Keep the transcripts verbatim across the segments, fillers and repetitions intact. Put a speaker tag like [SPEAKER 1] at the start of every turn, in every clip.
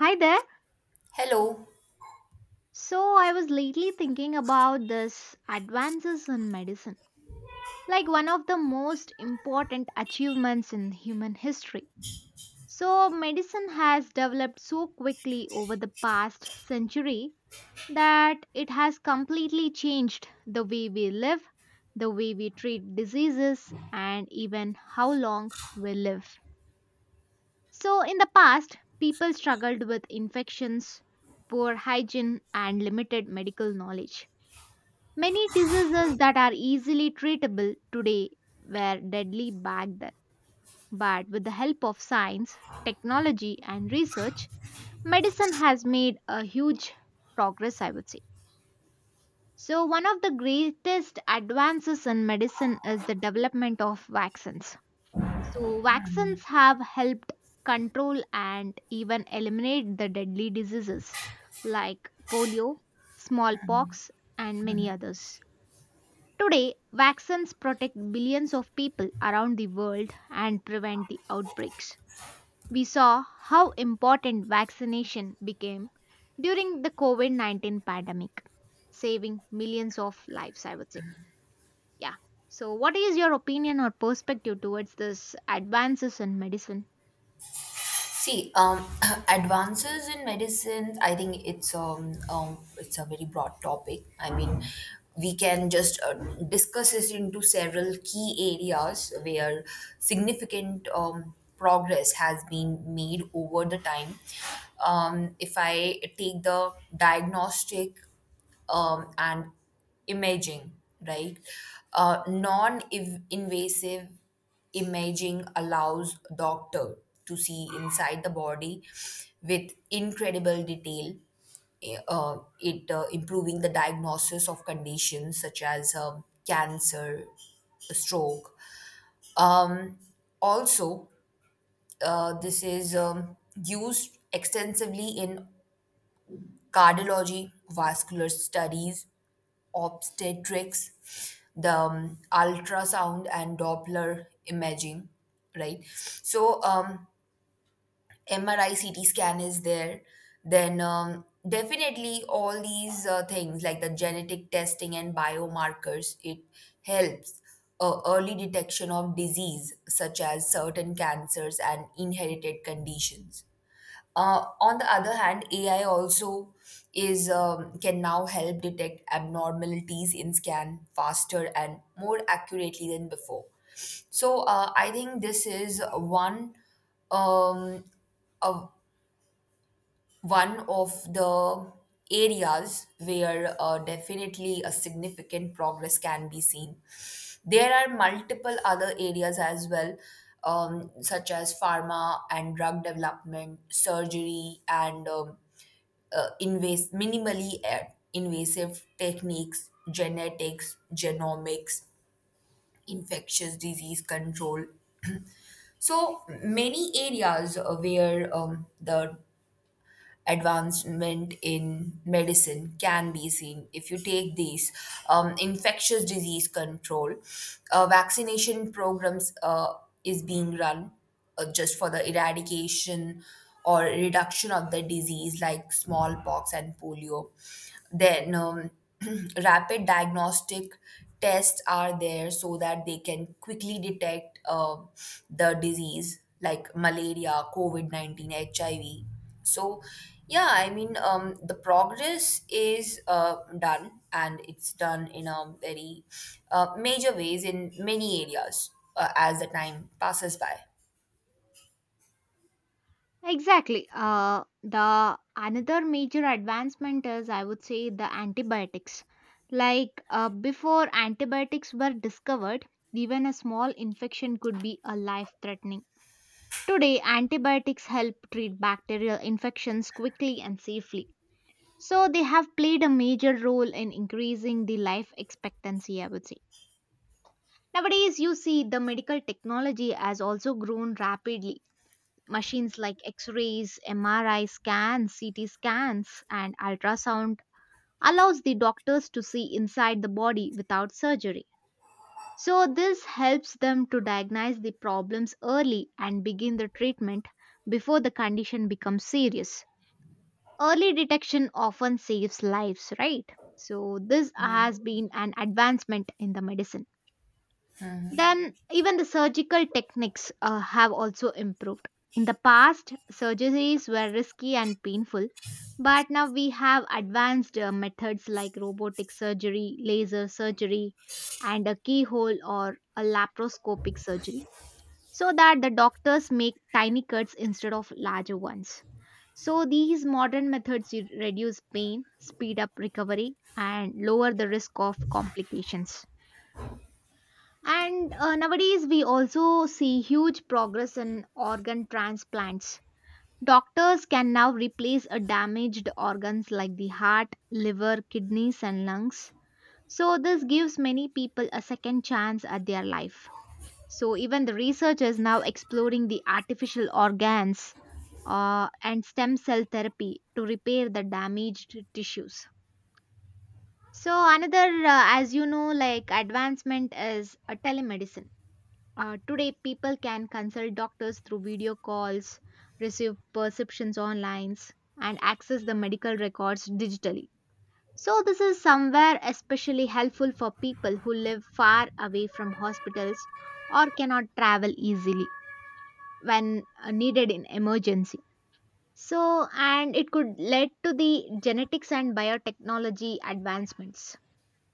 [SPEAKER 1] Hi there.
[SPEAKER 2] Hello.
[SPEAKER 1] So, I was lately thinking about this advances in medicine, like one of the most important achievements in human history. So, medicine has developed so quickly over the past century that it has completely changed the way we live, the way we treat diseases, and even how long we live. So, in the past, people struggled with infections, poor hygiene, and limited medical knowledge. Many diseases that are easily treatable today were deadly back then. But with the help of science, technology, and research, medicine has made a huge progress, I would say. So, one of the greatest advances in medicine is the development of vaccines. So, vaccines have helped control and even eliminate the deadly diseases like polio, smallpox, and many others. Today, vaccines protect billions of people around the world and prevent the outbreaks. We saw how important vaccination became during the COVID nineteen pandemic, saving millions of lives, I would say. Yeah. So, what is your opinion or perspective towards this advances in medicine?
[SPEAKER 2] See, um, advances in medicines. I think it's um, um, it's a very broad topic. I mean, we can just uh, discuss it into several key areas where significant um, progress has been made over the time. Um, if I take the diagnostic um, and imaging, right? Uh, non invasive imaging allows doctor to see inside the body with incredible detail. Eh, uh, it uh, Improving the diagnosis of conditions such as um, cancer, stroke. um, Also, uh, this is um, used extensively in cardiology, vascular studies, obstetrics, the um, ultrasound and Doppler imaging, right? So um, M R I, C T scan is there. Then um, definitely all these uh, things like the genetic testing and biomarkers, it helps. Uh, early detection of disease such as certain cancers and inherited conditions. Uh, on the other hand, A I also is um, can now help detect abnormalities in scan faster and more accurately than before. So uh, I think this is one um, a, one of the areas where uh, definitely a significant progress can be seen. There are multiple other areas as well, um, such as pharma and drug development, surgery, and um, uh, invas- minimally uh, invasive techniques, genetics, genomics, infectious disease control. So many areas uh, where um, the advancement in medicine can be seen. If you take these um, infectious disease control, uh, vaccination programs uh, is being run uh, just for the eradication or reduction of the disease like smallpox and polio. Then um, rapid diagnostic tests are there so that they can quickly detect uh, the disease like malaria, covid nineteen, H I V. So, yeah, I mean um, the progress is uh, done, and it's done in a very uh, major ways in many areas uh, as the time passes by.
[SPEAKER 1] Exactly. Uh, the another major advancement is, I would say, the antibiotics. Like uh, before antibiotics were discovered, even a small infection could be a life-threatening. Today, antibiotics help treat bacterial infections quickly and safely. So they have played a major role in increasing the life expectancy, I would say. Nowadays, you see the medical technology has also grown rapidly. Machines like X-rays, M R I scans, C T scans, and ultrasound allows the doctors to see inside the body without surgery. So this helps them to diagnose the problems early and begin the treatment before the condition becomes serious. Early detection often saves lives, right? So this has been an advancement in the medicine. Then, even the surgical techniques uh, have also improved. In the past, surgeries were risky and painful, but now we have advanced uh, methods like robotic surgery, laser surgery, and a keyhole or a laparoscopic surgery so that the doctors make tiny cuts instead of larger ones. So, these modern methods re- reduce pain, speed up recovery, and lower the risk of complications. And uh, nowadays, we also see huge progress in organ transplants. Doctors can now replace a damaged organs like the heart, liver, kidneys, and lungs. So, this gives many people a second chance at their life. So, even the research is now exploring the artificial organs uh, and stem cell therapy to repair the damaged tissues. So, another, uh, as you know, like advancement is uh, telemedicine. Uh, today, people can consult doctors through video calls, receive prescriptions online, and access the medical records digitally. So, this is somewhere especially helpful for people who live far away from hospitals or cannot travel easily when uh, needed in emergency. So, and it could lead to the genetics and biotechnology advancements.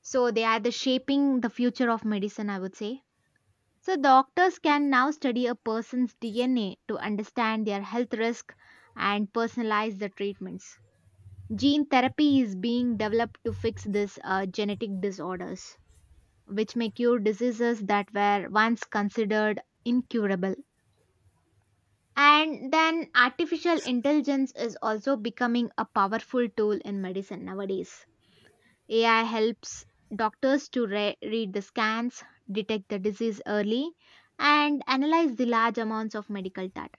[SPEAKER 1] So, they are the shaping the future of medicine, I would say, so, doctors can now study a person's D N A to understand their health risk and personalize the treatments. Gene therapy is being developed to fix these uh, genetic disorders, which may cure diseases that were once considered incurable. And then, artificial intelligence is also becoming a powerful tool in medicine nowadays. A I helps doctors to re- read the scans, detect the disease early, and analyze the large amounts of medical data.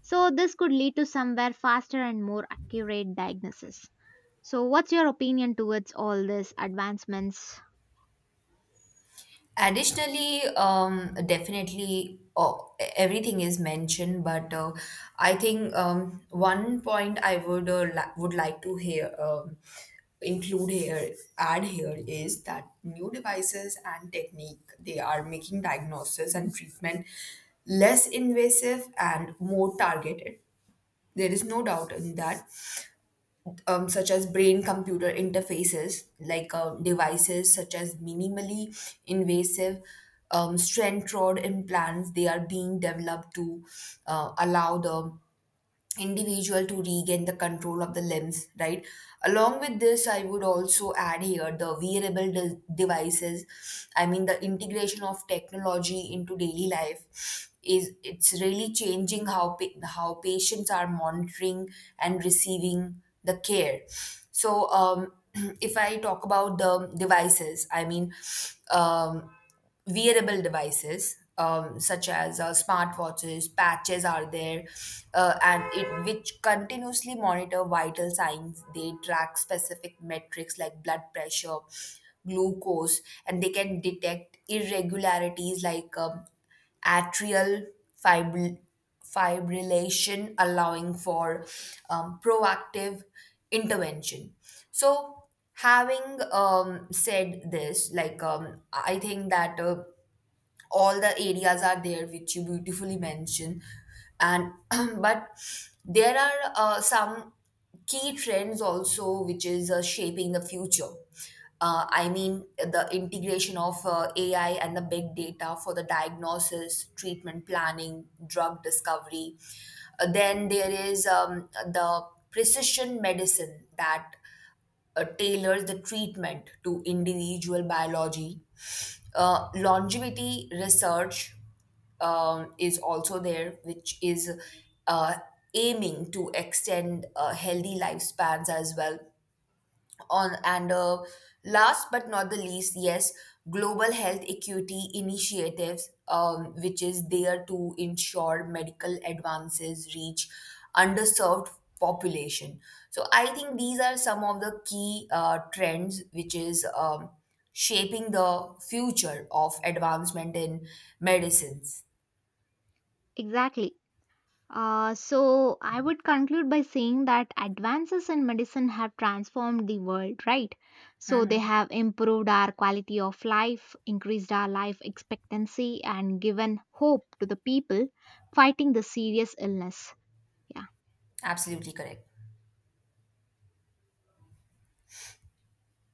[SPEAKER 1] So, this could lead to somewhere faster and more accurate diagnosis. So, what's your opinion towards all these advancements?
[SPEAKER 2] Additionally, um, definitely uh, everything is mentioned, but uh, I think um, one point I would uh, li- would like to hear, um, include here, add here, is that new devices and technique they are making diagnosis and treatment less invasive and more targeted. There is no doubt in that, um, such as brain computer interfaces, like uh, devices such as minimally invasive, um, strength rod implants, they are being developed to uh, allow the individual to regain the control of the limbs, right. Along with this, I would also add here the wearable de- devices. I mean, the integration of technology into daily life is it's really changing how pa- how patients are monitoring and receiving the care. So um if I talk about the devices, I mean, um wearable devices, um, such as uh, smartwatches, patches are there, uh, and it which continuously monitor vital signs. They track specific metrics like blood pressure, glucose, and they can detect irregularities like um, atrial fibr- fibrillation, allowing for um, proactive intervention. So, having um, said this, like um, I think that. Uh, all the areas are there which you beautifully mentioned, and but there are uh, some key trends also which is uh, shaping the future. uh, I mean the integration of uh, A I and the big data for the diagnosis, treatment planning, drug discovery. Uh, then there is um, the precision medicine that uh, tailors the treatment to individual biology. Uh, longevity research um, is also there, which is uh, aiming to extend uh, healthy lifespans as well. On and uh, last but not the least, yes, global health equity initiatives, um, which is there to ensure medical advances reach underserved population. So I think these are some of the key uh, trends which is um, shaping the future of advancement in medicines.
[SPEAKER 1] Exactly. Uh, so, I would conclude by saying that advances in medicine have transformed the world, right? So, they have improved our quality of life, increased our life expectancy, and given hope to the people fighting the serious illness. Yeah.
[SPEAKER 2] Absolutely correct.